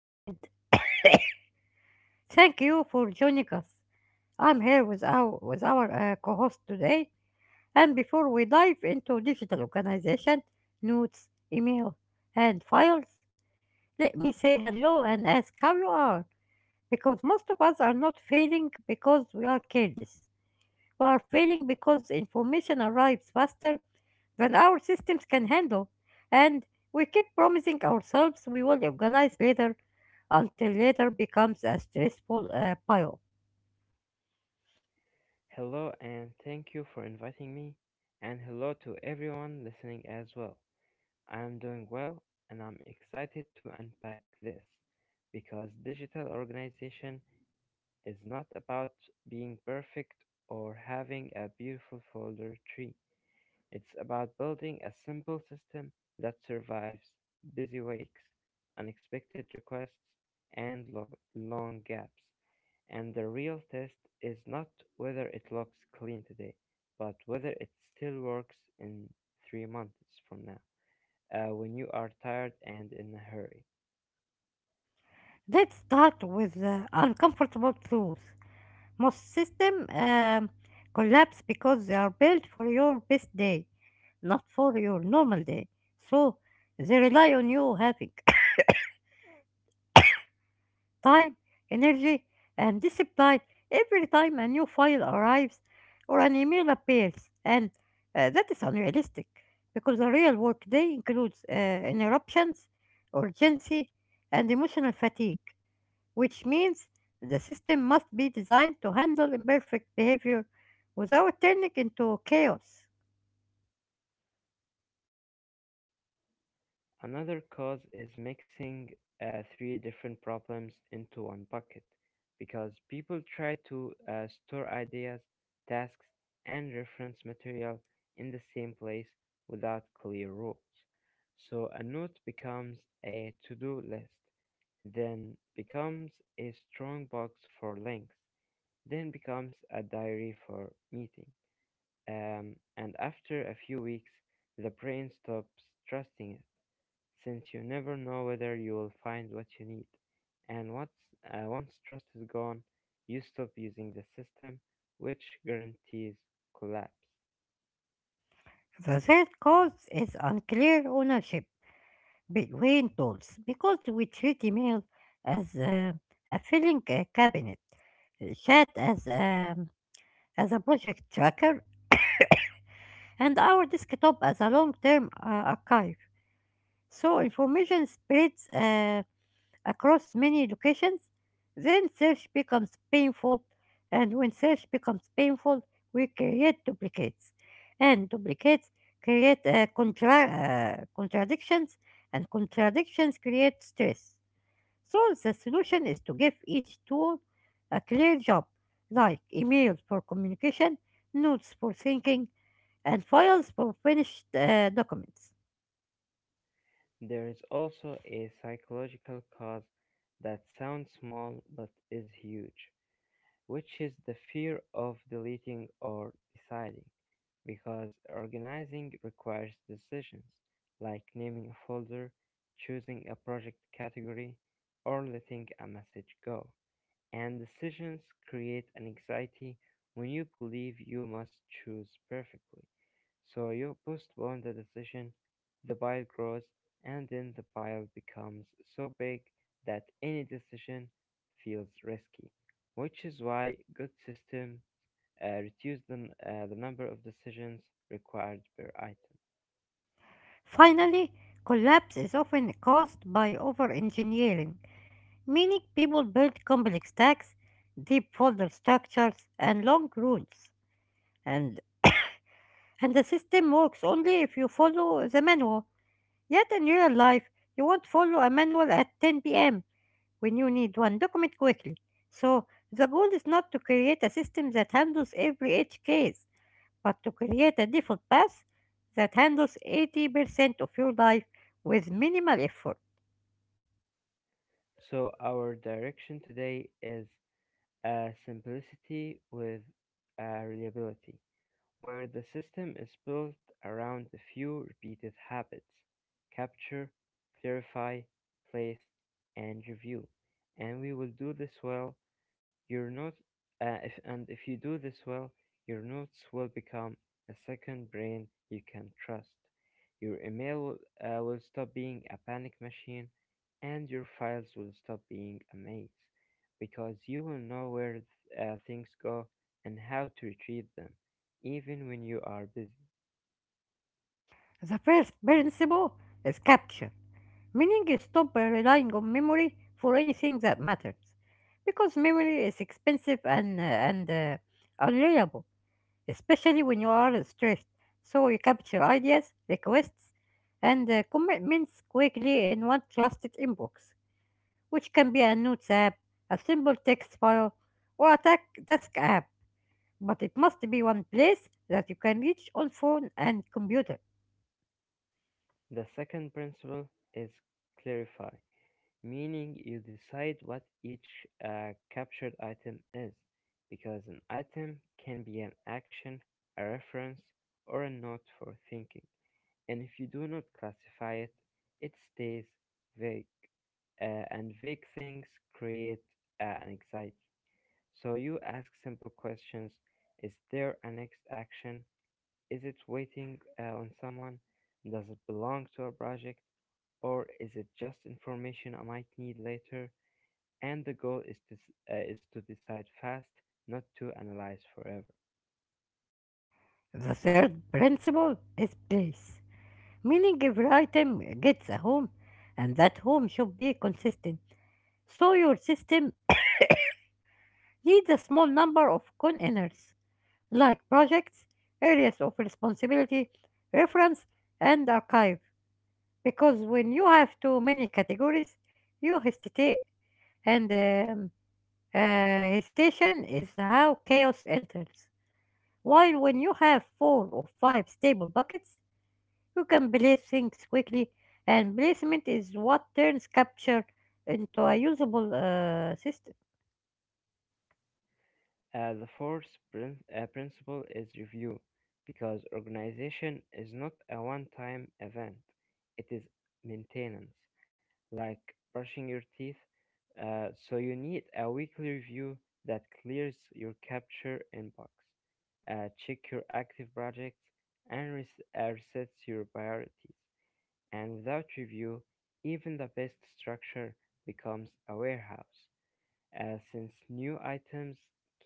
And thank you for joining us. I'm here with with our co host today. And before we dive into digital organization, notes, email, and files, let me say hello and ask how you are. Because most of us are not failing because we are careless. We are failing because information arrives faster than our systems can handle, and we keep promising ourselves we will organize later until later becomes a stressful pile. Hello and thank you for inviting me. And hello to everyone listening as well. I am doing well and I'm excited to unpack this because digital organization is not about being perfect or having a beautiful folder tree. It's about building a simple system that survives busy weeks, unexpected requests, and long gaps. And the real test is not whether it looks clean today, but whether it still works in 3 months from now, when you are tired and in a hurry. Let's start with the uncomfortable truth. Most systems collapse because they are built for your best day, not for your normal day. So they rely on you having time, energy, and discipline every time a new file arrives or an email appears, and that is unrealistic because the real workday includes interruptions, urgency, and emotional fatigue, which means the system must be designed to handle imperfect behavior without turning into chaos. Another cause is mixing three different problems into one bucket, because people try to store ideas, tasks, and reference material in the same place without clear rules. So a note becomes a to do list, then becomes a strong box for links, then becomes a diary for meeting. And after a few weeks, the brain stops trusting it, since you never know whether you will find what you need. And once trust is gone, you stop using the system, which guarantees collapse. The third cause is unclear ownership between tools because we treat email as a filling cabinet, chat as a project tracker, and our desktop as a long-term archive. So information spreads across many locations. Then search becomes painful, and when search becomes painful, we create duplicates, and duplicates create contradictions, and contradictions create stress. So the solution is to give each tool a clear job, like email for communication, notes for thinking, and files for finished documents. There is also a psychological cause that sounds small but is huge, which is the fear of deleting or deciding, because organizing requires decisions like naming a folder, choosing a project category, or letting a message go. And decisions create an anxiety when you believe you must choose perfectly. So you postpone the decision, the pile grows, and then the pile becomes so big that any decision feels risky, which is why good system reduce the number of decisions required per item. Finally, collapse is often caused by over engineering, meaning people build complex stacks, deep folder structures, and long rules. And, and the system works only if you follow the manual. Yet in real life, you won't follow a manual at 10 p.m. when you need one. Document quickly. So the goal is not to create a system that handles every edge case, but to create a default path that handles 80% of your life with minimal effort. So our direction today is simplicity with reliability, where the system is built around a few repeated habits: capture, clarify, place, and review. And we will do this well your notes, if you do this well, your notes will become a second brain you can trust. Your email will stop being a panic machine, and your files will stop being a maze, because you will know where things go and how to retrieve them, even when you are busy. The first principle is capture. Meaning you stop by relying on memory for anything that matters. Because memory is expensive and unreliable, especially when you are stressed. So you capture ideas, requests, and commitments quickly in one trusted inbox, which can be a notes app, a simple text file, or a task app, but it must be one place that you can reach on phone and computer. The second principle is clarify. Meaning you decide what each captured item is, because an item can be an action, a reference, or a note for thinking. And if you do not classify it, it stays vague, and vague things create anxiety. So you ask simple questions: Is there a next action? Is it waiting on someone? Does it belong to a project? Or is it just information I might need later? And the goal is to decide fast, not to analyze forever. The third principle is place. Meaning every item gets a home, and that home should be consistent. So your system needs a small number of containers, like projects, areas of responsibility, reference, and archive. Because when you have too many categories, you hesitate, and hesitation is how chaos enters. While when you have 4 or 5 stable buckets, you can place things quickly, and placement is what turns capture into a usable system. The fourth principle is review, because organization is not a one time event, it is maintenance, like brushing your teeth. So you need a weekly review that clears your capture inbox, check your active projects, and resets your priorities. And without review, even the best structure becomes a warehouse, as since new items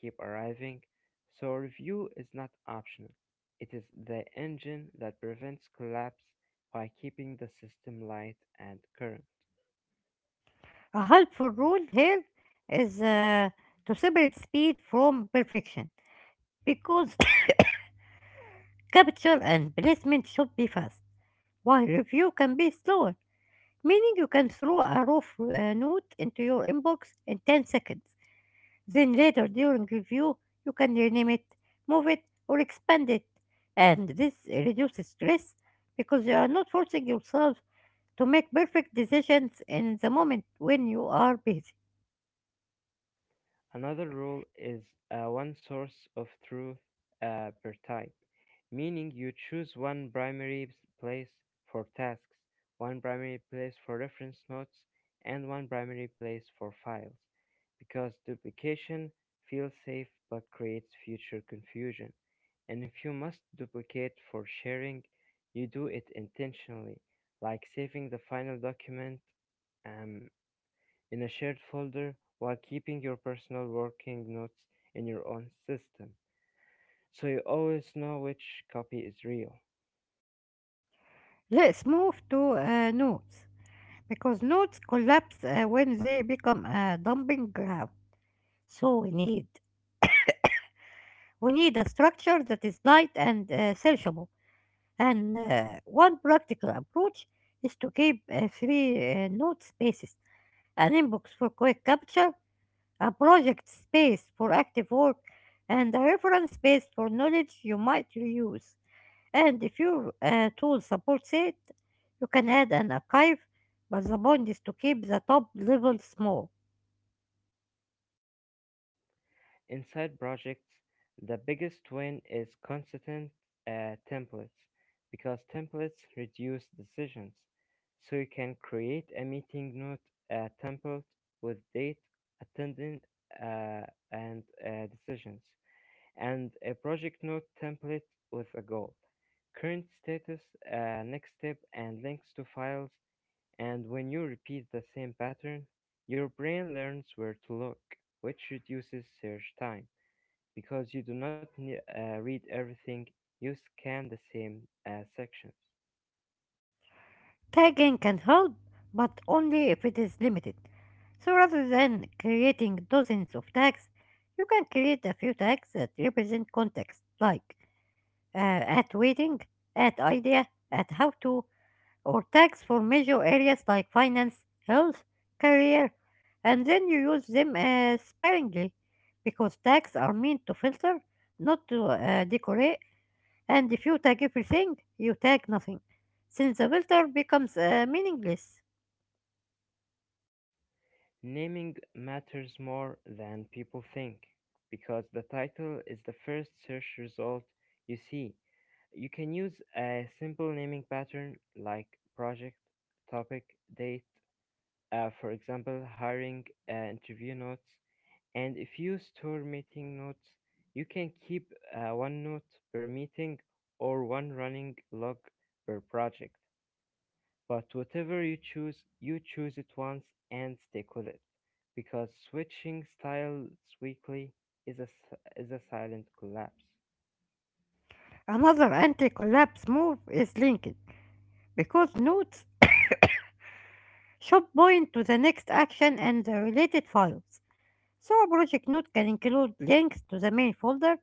keep arriving, so review is not optional. It is the engine that prevents collapse by keeping the system light and current. A helpful rule here is to separate speed from perfection because capture and placement should be fast, while review can be slower, meaning you can throw a rough note into your inbox in 10 seconds. Then later during review, you can rename it, move it, or expand it. And this reduces stress because you are not forcing yourself to make perfect decisions in the moment when you are busy. Another rule is one source of truth per type, meaning you choose one primary place for tasks, one primary place for reference notes, and one primary place for files, because duplication feels safe but creates future confusion. And if you must duplicate for sharing, you do it intentionally, like saving the final document um, in a shared folder while keeping your personal working notes in your own system, so you always know which copy is real. Let's move to notes because notes collapse when they become a dumping ground. So we need a structure that is light and searchable. And one practical approach is to keep three note spaces, an inbox for quick capture, a project space for active work, and a reference space for knowledge you might reuse. And if your tool supports it, you can add an archive, but the point is to keep the top level small. Inside projects, the biggest win is consistent templates because templates reduce decisions. So you can create a meeting note template with date, attendance, uh, and decisions, and a project note template with a goal, current status, next step, and links to files. And when you repeat the same pattern, your brain learns where to look, which reduces search time because you do not read everything, you scan the same sections. Tagging can help, but only if it is limited. So rather than creating dozens of tags, you can create a few tags that represent context, like uh, at waiting, at idea, at how to, or tags for major areas like finance, health, career, and then you use them sparingly because tags are meant to filter, not to decorate, and if you tag everything, you tag nothing, since the filter becomes meaningless. Naming matters more than people think because the title is the first search result you see. You can use a simple naming pattern like project, topic, date, for example, hiring interview notes. And if you store meeting notes, you can keep one note per meeting or one running log per project. But whatever you choose it once and stick with it because switching styles weekly is a silent collapse. Another anti-collapse move is linking, because nodes should point to the next action and the related files. So a project node can include links to the main folder,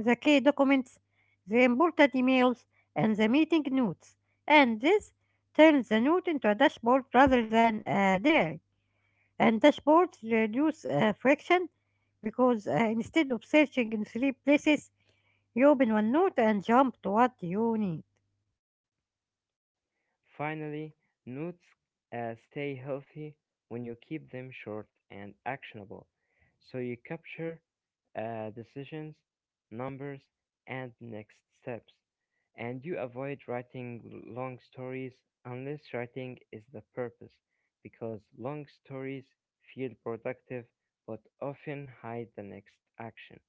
the key documents, the important emails, and the meeting notes. And this turns the node into a dashboard rather than a diary. And dashboards reduce friction because instead of searching in three places, you open one node and jump to what you need. Finally, nuts stay healthy when you keep them short and actionable, so you capture decisions, numbers, and next steps, and you avoid writing long stories unless writing is the purpose, because long stories feel productive but often hide the next action.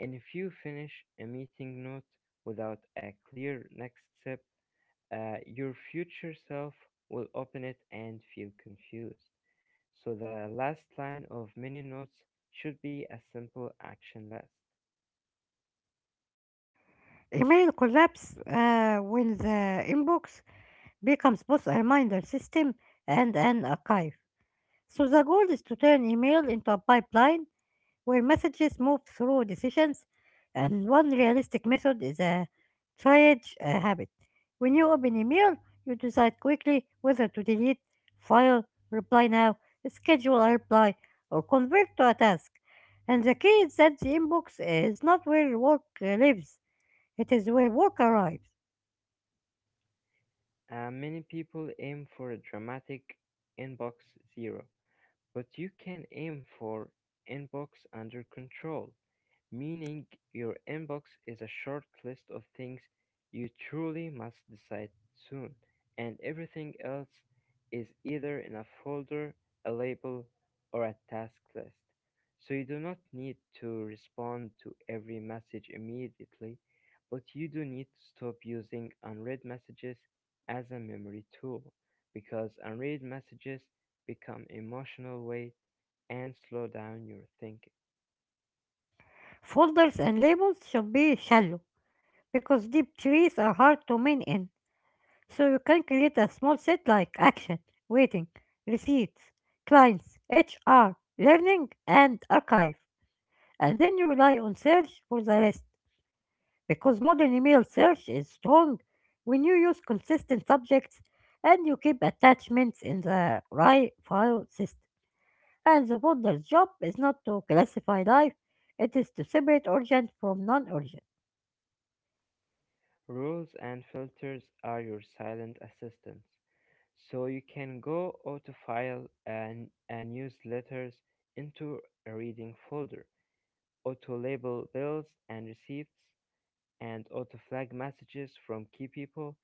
And if you finish a meeting note without a clear next step, your future self will open it and feel confused. So the last line of many notes should be a simple action list. Email collapse when the inbox becomes both a reminder system and an archive. So the goal is to turn email into a pipeline where messages move through decisions. And one realistic method is a triage habit. When you open email, you decide quickly whether to delete, file, reply now, schedule a reply, or convert to a task. And the key is that the inbox is not where work lives. It is where work arrives. Many people aim for a dramatic inbox zero, but you can aim for inbox under control, meaning your inbox is a short list of things you truly must decide soon, and everything else is either in a folder, a label, or a task list. So you do not need to respond to every message immediately, but you do need to stop using unread messages as a memory tool because unread messages become emotional weight and slow down your thinking. Folders and labels should be shallow because deep trees are hard to mine in. So you can create a small set like action, waiting, receipts, clients, HR, learning, and archive. And then you rely on search for the rest because modern email search is strong when you use consistent subjects and you keep attachments in the right file system. And the folder's job is not to classify life, it is to separate urgent from non urgent. Rules and filters are your silent assistants, so you can go autofile and newsletters into a reading folder, auto label bills and receipts, and auto flag messages from key people.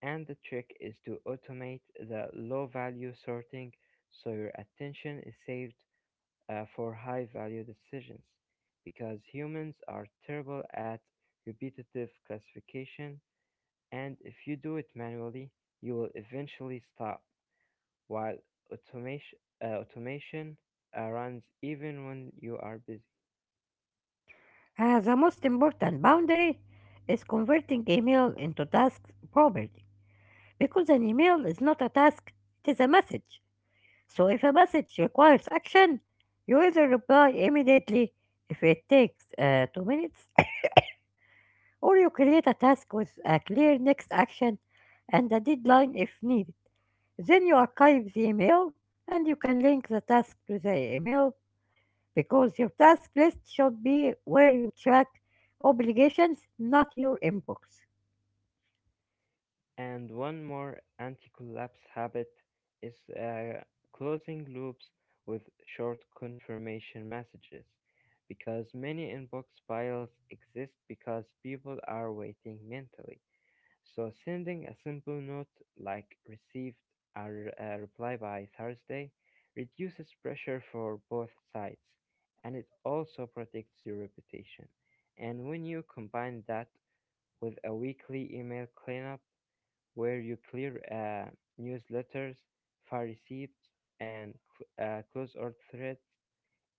And the trick is to automate the low value sorting so your attention is saved for high value decisions because humans are terrible at repetitive classification, and if you do it manually, you will eventually stop, while automation, automation runs even when you are busy. The most important boundary is converting email into tasks property. Because an email is not a task, it is a message. So if a message requires action, you either reply immediately if it takes 2 minutes, or you create a task with a clear next action and a deadline if needed. Then you archive the email and you can link the task to the email because your task list should be where you track obligations, not your inbox. And one more anti collapse habit is closing loops with short confirmation messages because many inbox piles exist because people are waiting mentally. So sending a simple note like received or a reply by Thursday reduces pressure for both sides, and it also protects your reputation. And when you combine that with a weekly email cleanup where you clear newsletters, far receipts, and close or threads,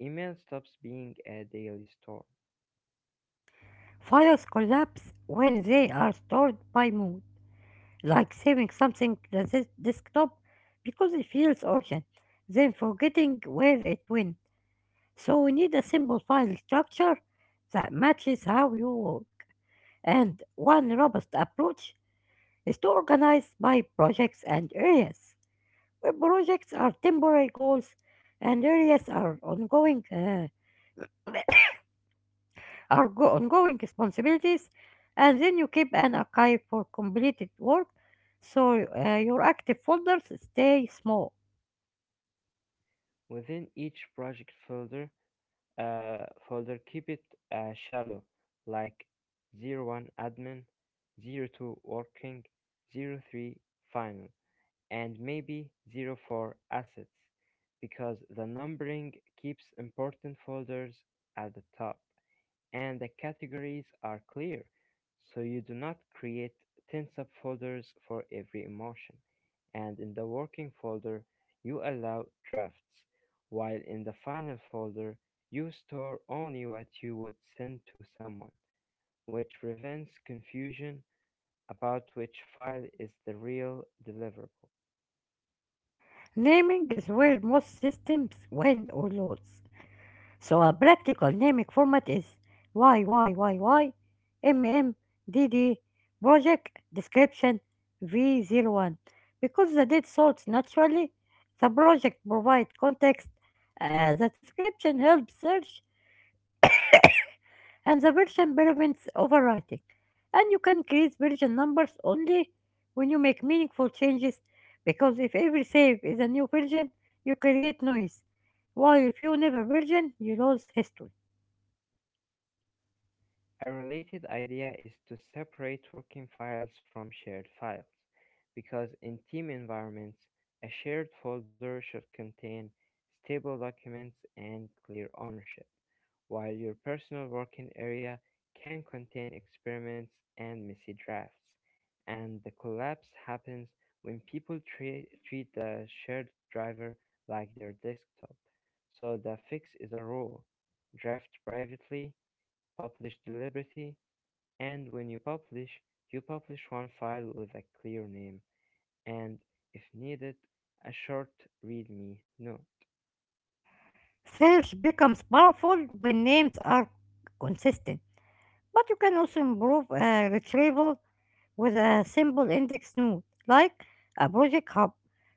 email stops being a daily storm. Files collapse when they are stored by mood, like saving something to the desktop because it feels urgent, then forgetting where it went. So we need a simple file structure that matches how you work. And one robust approach is to organize by projects and areas. Projects are temporary goals, and areas are ongoing ongoing responsibilities, and then you keep an archive for completed work, so your active folders stay small. Within each project folder, keep it shallow, like 01 admin, 02 working, 03 final, and maybe 04 assets, because the numbering keeps important folders at the top and the categories are clear, so you do not create 10 subfolders for every emotion. And in the working folder, you allow drafts, while in the final folder, you store only what you would send to someone, which prevents confusion about which file is the real deliverable. Naming is where most systems win or lose. So a practical naming format is YYYY MMDD project description v 01, because the date sorts naturally. The project provides context, the description helps search, and the version prevents overwriting. And you can increase version numbers only when you make meaningful changes because if every save is a new version, you create noise, while if you never version, you lose history. A related idea is to separate working files from shared files, because in team environments, a shared folder should contain stable documents and clear ownership, while your personal working area can contain experiments and messy drafts. And the collapse happens when people treat the shared driver like their desktop. So the fix is a rule: draft privately, publish the liberty, and when you publish one file with a clear name and, if needed, a short readme note. Search becomes powerful when names are consistent, but you can also improve retrieval with a simple index node, like a project hub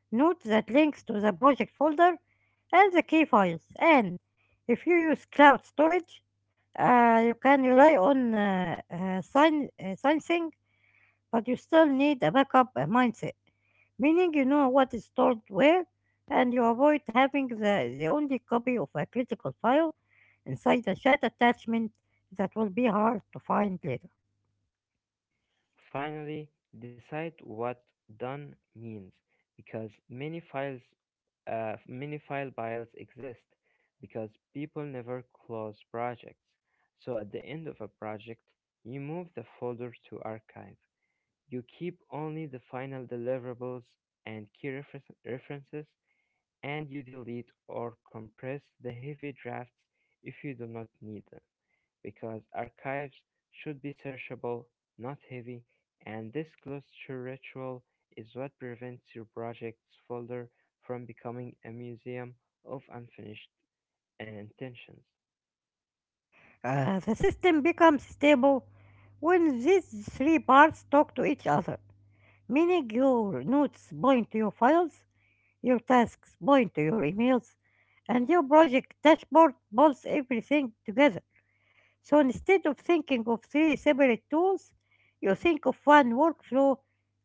node that links to the project folder and the key files. And if you use cloud storage, you can rely on sensing, but you still need a backup mindset, meaning you know what is stored where and you avoid having the only copy of a critical file inside a chat attachment that will be hard to find later. Finally, decide what done means because many file files exist because people never close projects. So at the end of a project, you move the folder to archive. You keep only the final deliverables and key references, and you delete or compress the heavy drafts if you do not need them, because archives should be searchable, not heavy, and this closure ritual is what prevents your project's folder from becoming a museum of unfinished intentions. The system becomes stable when these three parts talk to each other, meaning your notes point to your files, your tasks point to your emails, and your project dashboard pulls everything together. So instead of thinking of three separate tools, you think of one workflow: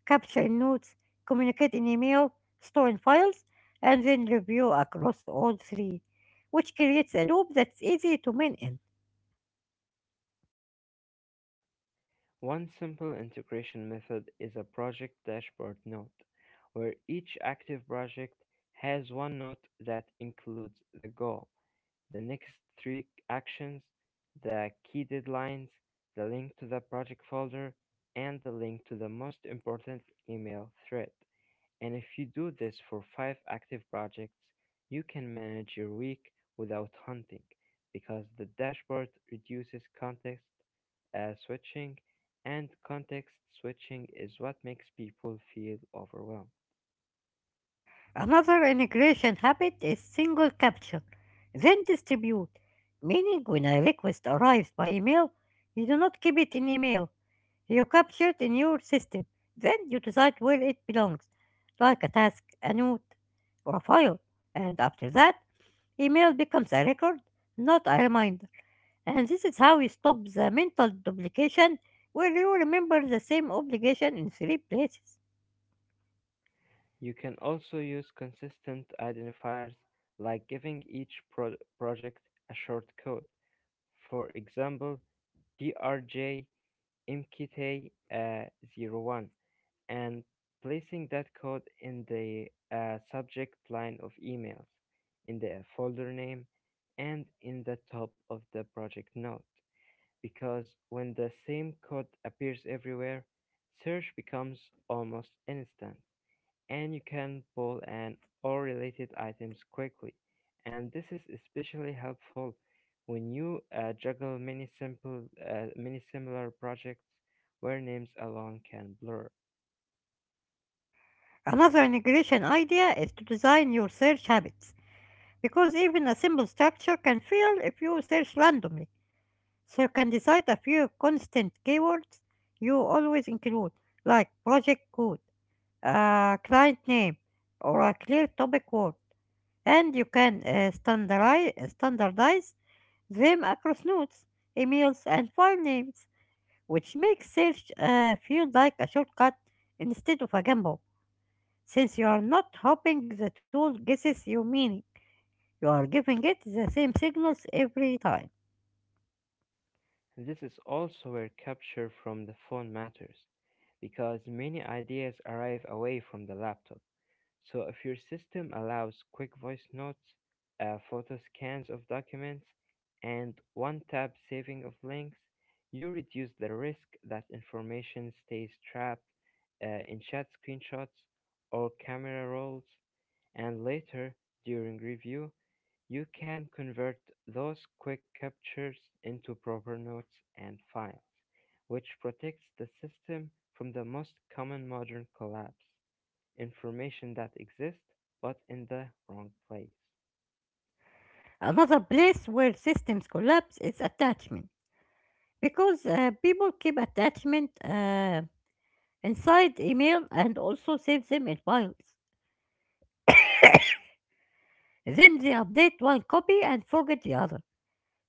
capture in notes, communicate in email, store in files, and then review across all three, which creates a loop that's easy to maintain. One simple integration method is a project dashboard note, where each active project has one note that includes the goal, the next three actions, the key deadlines, the link to the project folder, and the link to the most important email thread. And if you do this for five active projects, you can manage your week without hunting because the dashboard reduces context switching, and context switching is what makes people feel overwhelmed. Another integration habit is single capture, then distribute, meaning when a request arrives by email, you do not keep it in email. You capture it in your system, then you decide where it belongs, like a task, a note, or a file. And after that, email becomes a record, not a reminder. And this is how you stop the mental duplication where you remember the same obligation in three places. You can also use consistent identifiers like giving each project a short code. For example, PRJ MKT zero 01, and placing that code in the subject line of emails, in the folder name, and in the top of the project note. Because when the same code appears everywhere, search becomes almost instant and you can pull and all related items quickly. And this is especially helpful when you juggle many similar projects where names alone can blur. Another integration idea is to design your search habits because even a simple structure can fail if you search randomly. So you can decide a few constant keywords you always include, like project code, a client name, or a clear topic word, and you can standardize them across notes, emails, and file names, which makes search feel like a shortcut instead of a gamble. Since you are not hoping the tool guesses your meaning, you are giving it the same signals every time. This is also where capture from the phone matters because many ideas arrive away from the laptop. So if your system allows quick voice notes, photo scans of documents, and one-tap saving of links, you reduce the risk that information stays trapped in chat screenshots or camera rolls, and later, during review, you can convert those quick captures into proper notes and files, which protects the system from the most common modern collapse: information that exists but in the wrong place. Another place where systems collapse is attachment, because people keep attachment inside email and also save them in files. Then they update one copy and forget the other.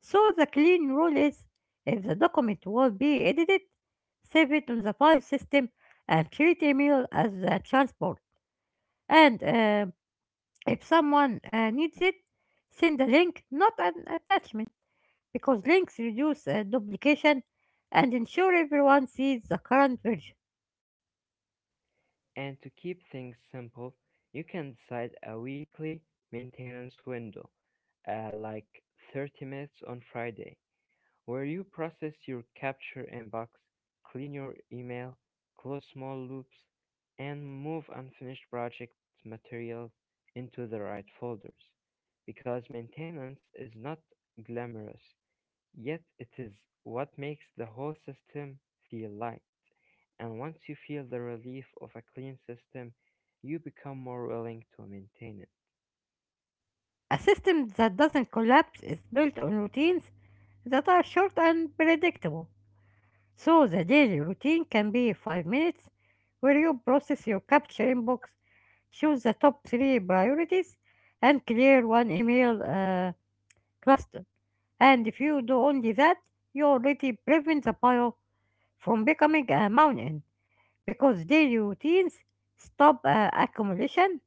So the clean rule is if the document will be edited, save it on the file system and treat email as the transport. And If someone needs it, send a link, not an attachment, because links reduce duplication and ensure everyone sees the current version. And to keep things simple, you can decide a weekly maintenance window, like 30 minutes on Friday, where you process your capture inbox, clean your email, close small loops, and move unfinished project material into the right folders. Because maintenance is not glamorous, yet it is what makes the whole system feel light. And once you feel the relief of a clean system, you become more willing to maintain it. A system that doesn't collapse is built on routines that are short and predictable. So the daily routine can be 5 minutes, where you process your capture inbox, choose the top three priorities, and clear one email cluster. And if you do only that, you already prevent the pile from becoming a mountain because their routines stop accumulation,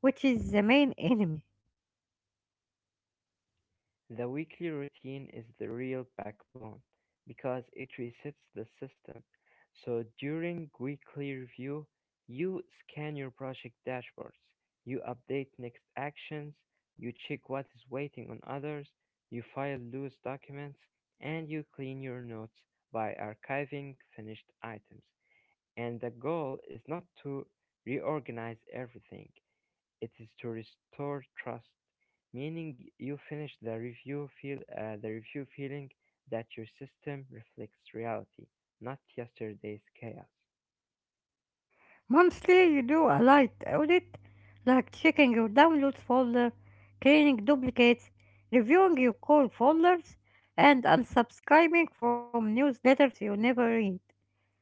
which is the main enemy. The weekly routine is the real backbone because it resets the system. So during weekly review, you scan your project dashboards, you update next actions, you check what is waiting on others, you file loose documents, and you clean your notes by archiving finished items. And the goal is not to reorganize everything, it is to restore trust, meaning you finish the review feel the review feeling that your system reflects reality, not yesterday's chaos. Monthly, you do a light audit like checking your downloads folder, cleaning duplicates, reviewing your core folders, and unsubscribing from newsletters you never read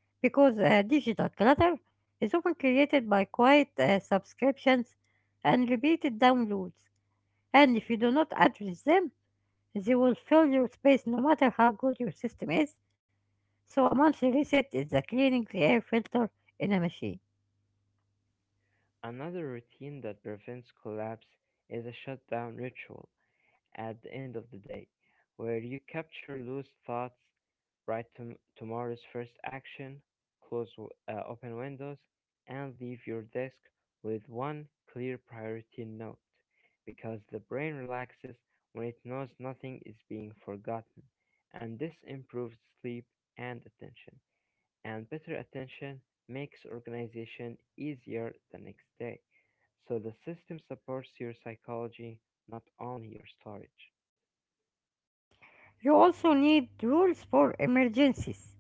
because digital clutter is often created by quiet subscriptions and repeated downloads. And if you do not address them, they will fill your space no matter how good your system is, so a monthly reset is a cleaning the air filter in a machine. Another routine that prevents collapse is a shutdown ritual at the end of the day, where you capture loose thoughts, write tomorrow's first action, close open windows, and leave your desk with one clear priority note, because the brain relaxes when it knows nothing is being forgotten, and this improves sleep and attention. And better attention makes organization easier the next day. So the system supports your psychology, not only your storage. You also need rules for emergencies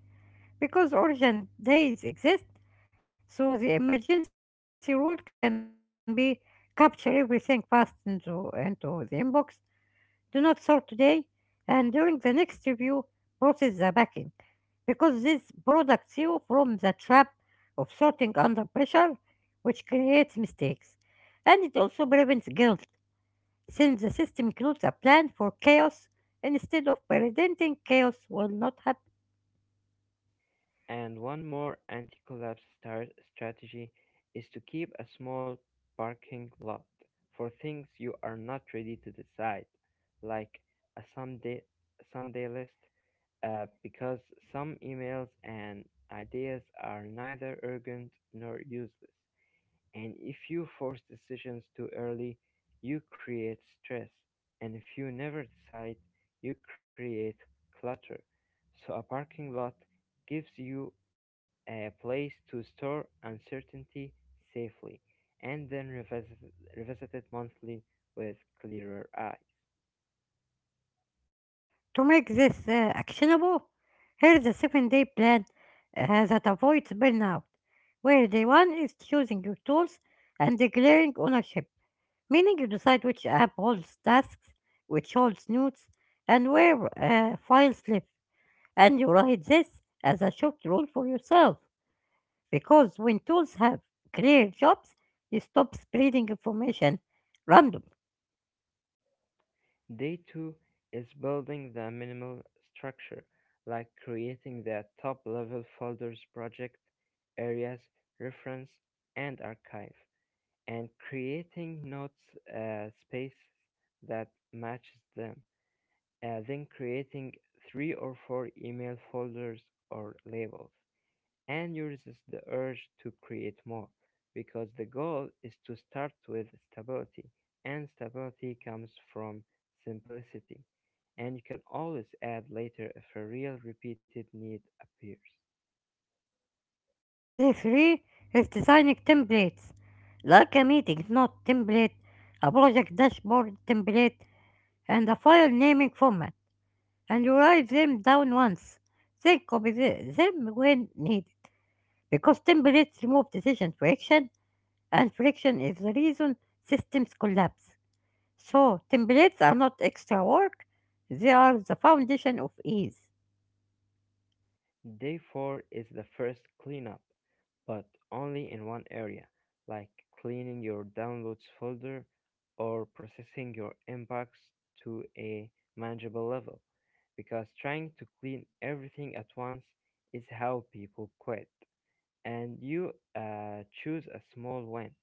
because origin days exist, so the emergency rule can be capture everything fast into the inbox, do not sort today, and during the next review, process the backend, because this protects you from the trap of sorting under pressure, which creates mistakes. And it also prevents guilt, since the system includes a plan for chaos instead of preventing chaos will not happen. And one more anti-collapse star strategy is to keep a small parking lot for things you are not ready to decide, like a someday list, because some emails and ideas are neither urgent nor useless. And if you force decisions too early, you create stress. And if you never decide, you create clutter. So a parking lot gives you a place to store uncertainty safely and then revisit it monthly with clearer eye. To make this actionable, here's a 7 day plan that avoids burnout, where day one is choosing your tools and declaring ownership, meaning you decide which app holds tasks, which holds notes, and where files live. And you write this as a short rule for yourself. Because when tools have clear jobs, you stop spreading information random. Day 2 is building the minimal structure, like creating the top level folders: project, areas, reference, and archive, and creating notes spaces that matches them, then creating three or four email folders or labels, and uses the urge to create more, because the goal is to start with stability, and stability comes from simplicity, and you can always add later if a real repeated need appears. Day three is designing templates, like a meeting note template, a project dashboard template, and a file naming format. And you write them down once, then them when needed. Because templates remove decision friction, and friction is the reason systems collapse. So, templates are not extra work, they are the foundation of ease. Day four is the first cleanup, but only in one area, like cleaning your downloads folder or processing your inbox to a manageable level, because trying to clean everything at once is how people quit. And you choose a small one.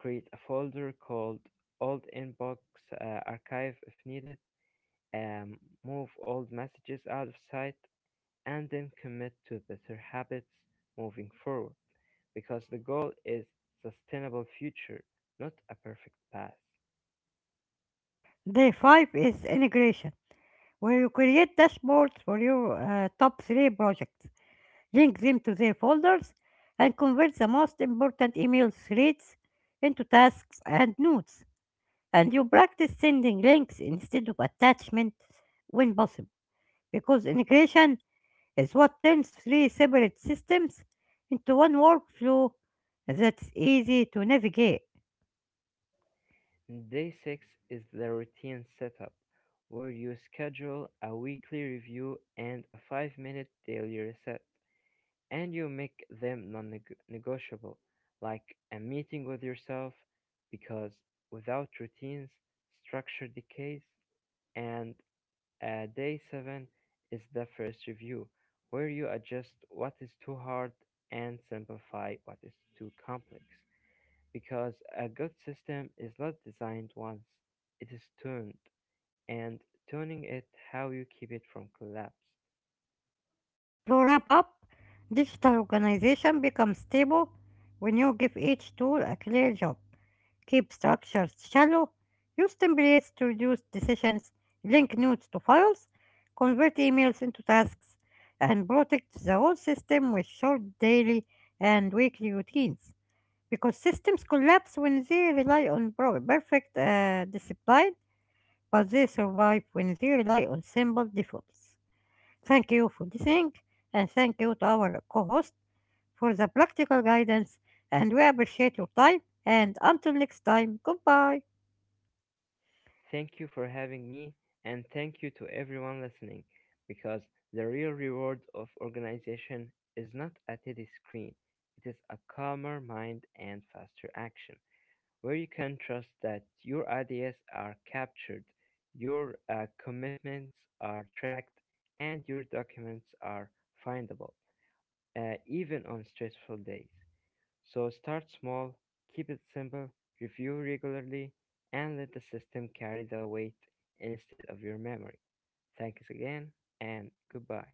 Create a folder called Old Inbox Archive if needed. Um, Move old messages out of sight and then commit to better habits moving forward, because the goal is sustainable future, not a perfect past. Day 5 is integration, where you create dashboards for your top three projects, link them to their folders, and convert the most important email threads into tasks and notes. And you practice sending links instead of attachments when possible, because integration is what turns three separate systems into one workflow that's easy to navigate. Day 6 is the routine setup, where you schedule a weekly review and a 5-minute daily reset, and you make them non-negotiable, like a meeting with yourself, because without routines structure decays. And day 7 is the first review, where you adjust what is too hard and simplify what is too complex. Because a good system is not designed once, it is tuned, and tuning it how you keep it from collapse. To wrap up, digital organization becomes stable when you give each tool a clear job. Keep structures shallow, use templates to reduce decisions, link notes to files, convert emails into tasks, and protect the whole system with short daily and weekly routines, because systems collapse when they rely on pro- perfect discipline, but they survive when they rely on simple defaults. Thank you for listening, and thank you to our co host for the practical guidance, and we appreciate your time. And until next time, goodbye. Thank you for having me, and thank you to everyone listening, because the real reward of organization is not a teddy screen, it is a calmer mind and faster action, where you can trust that your ideas are captured, your commitments are tracked, and your documents are findable, even on stressful days. So start small, keep it simple, review regularly, and let the system carry the weight instead of your memory. Thanks again, and goodbye.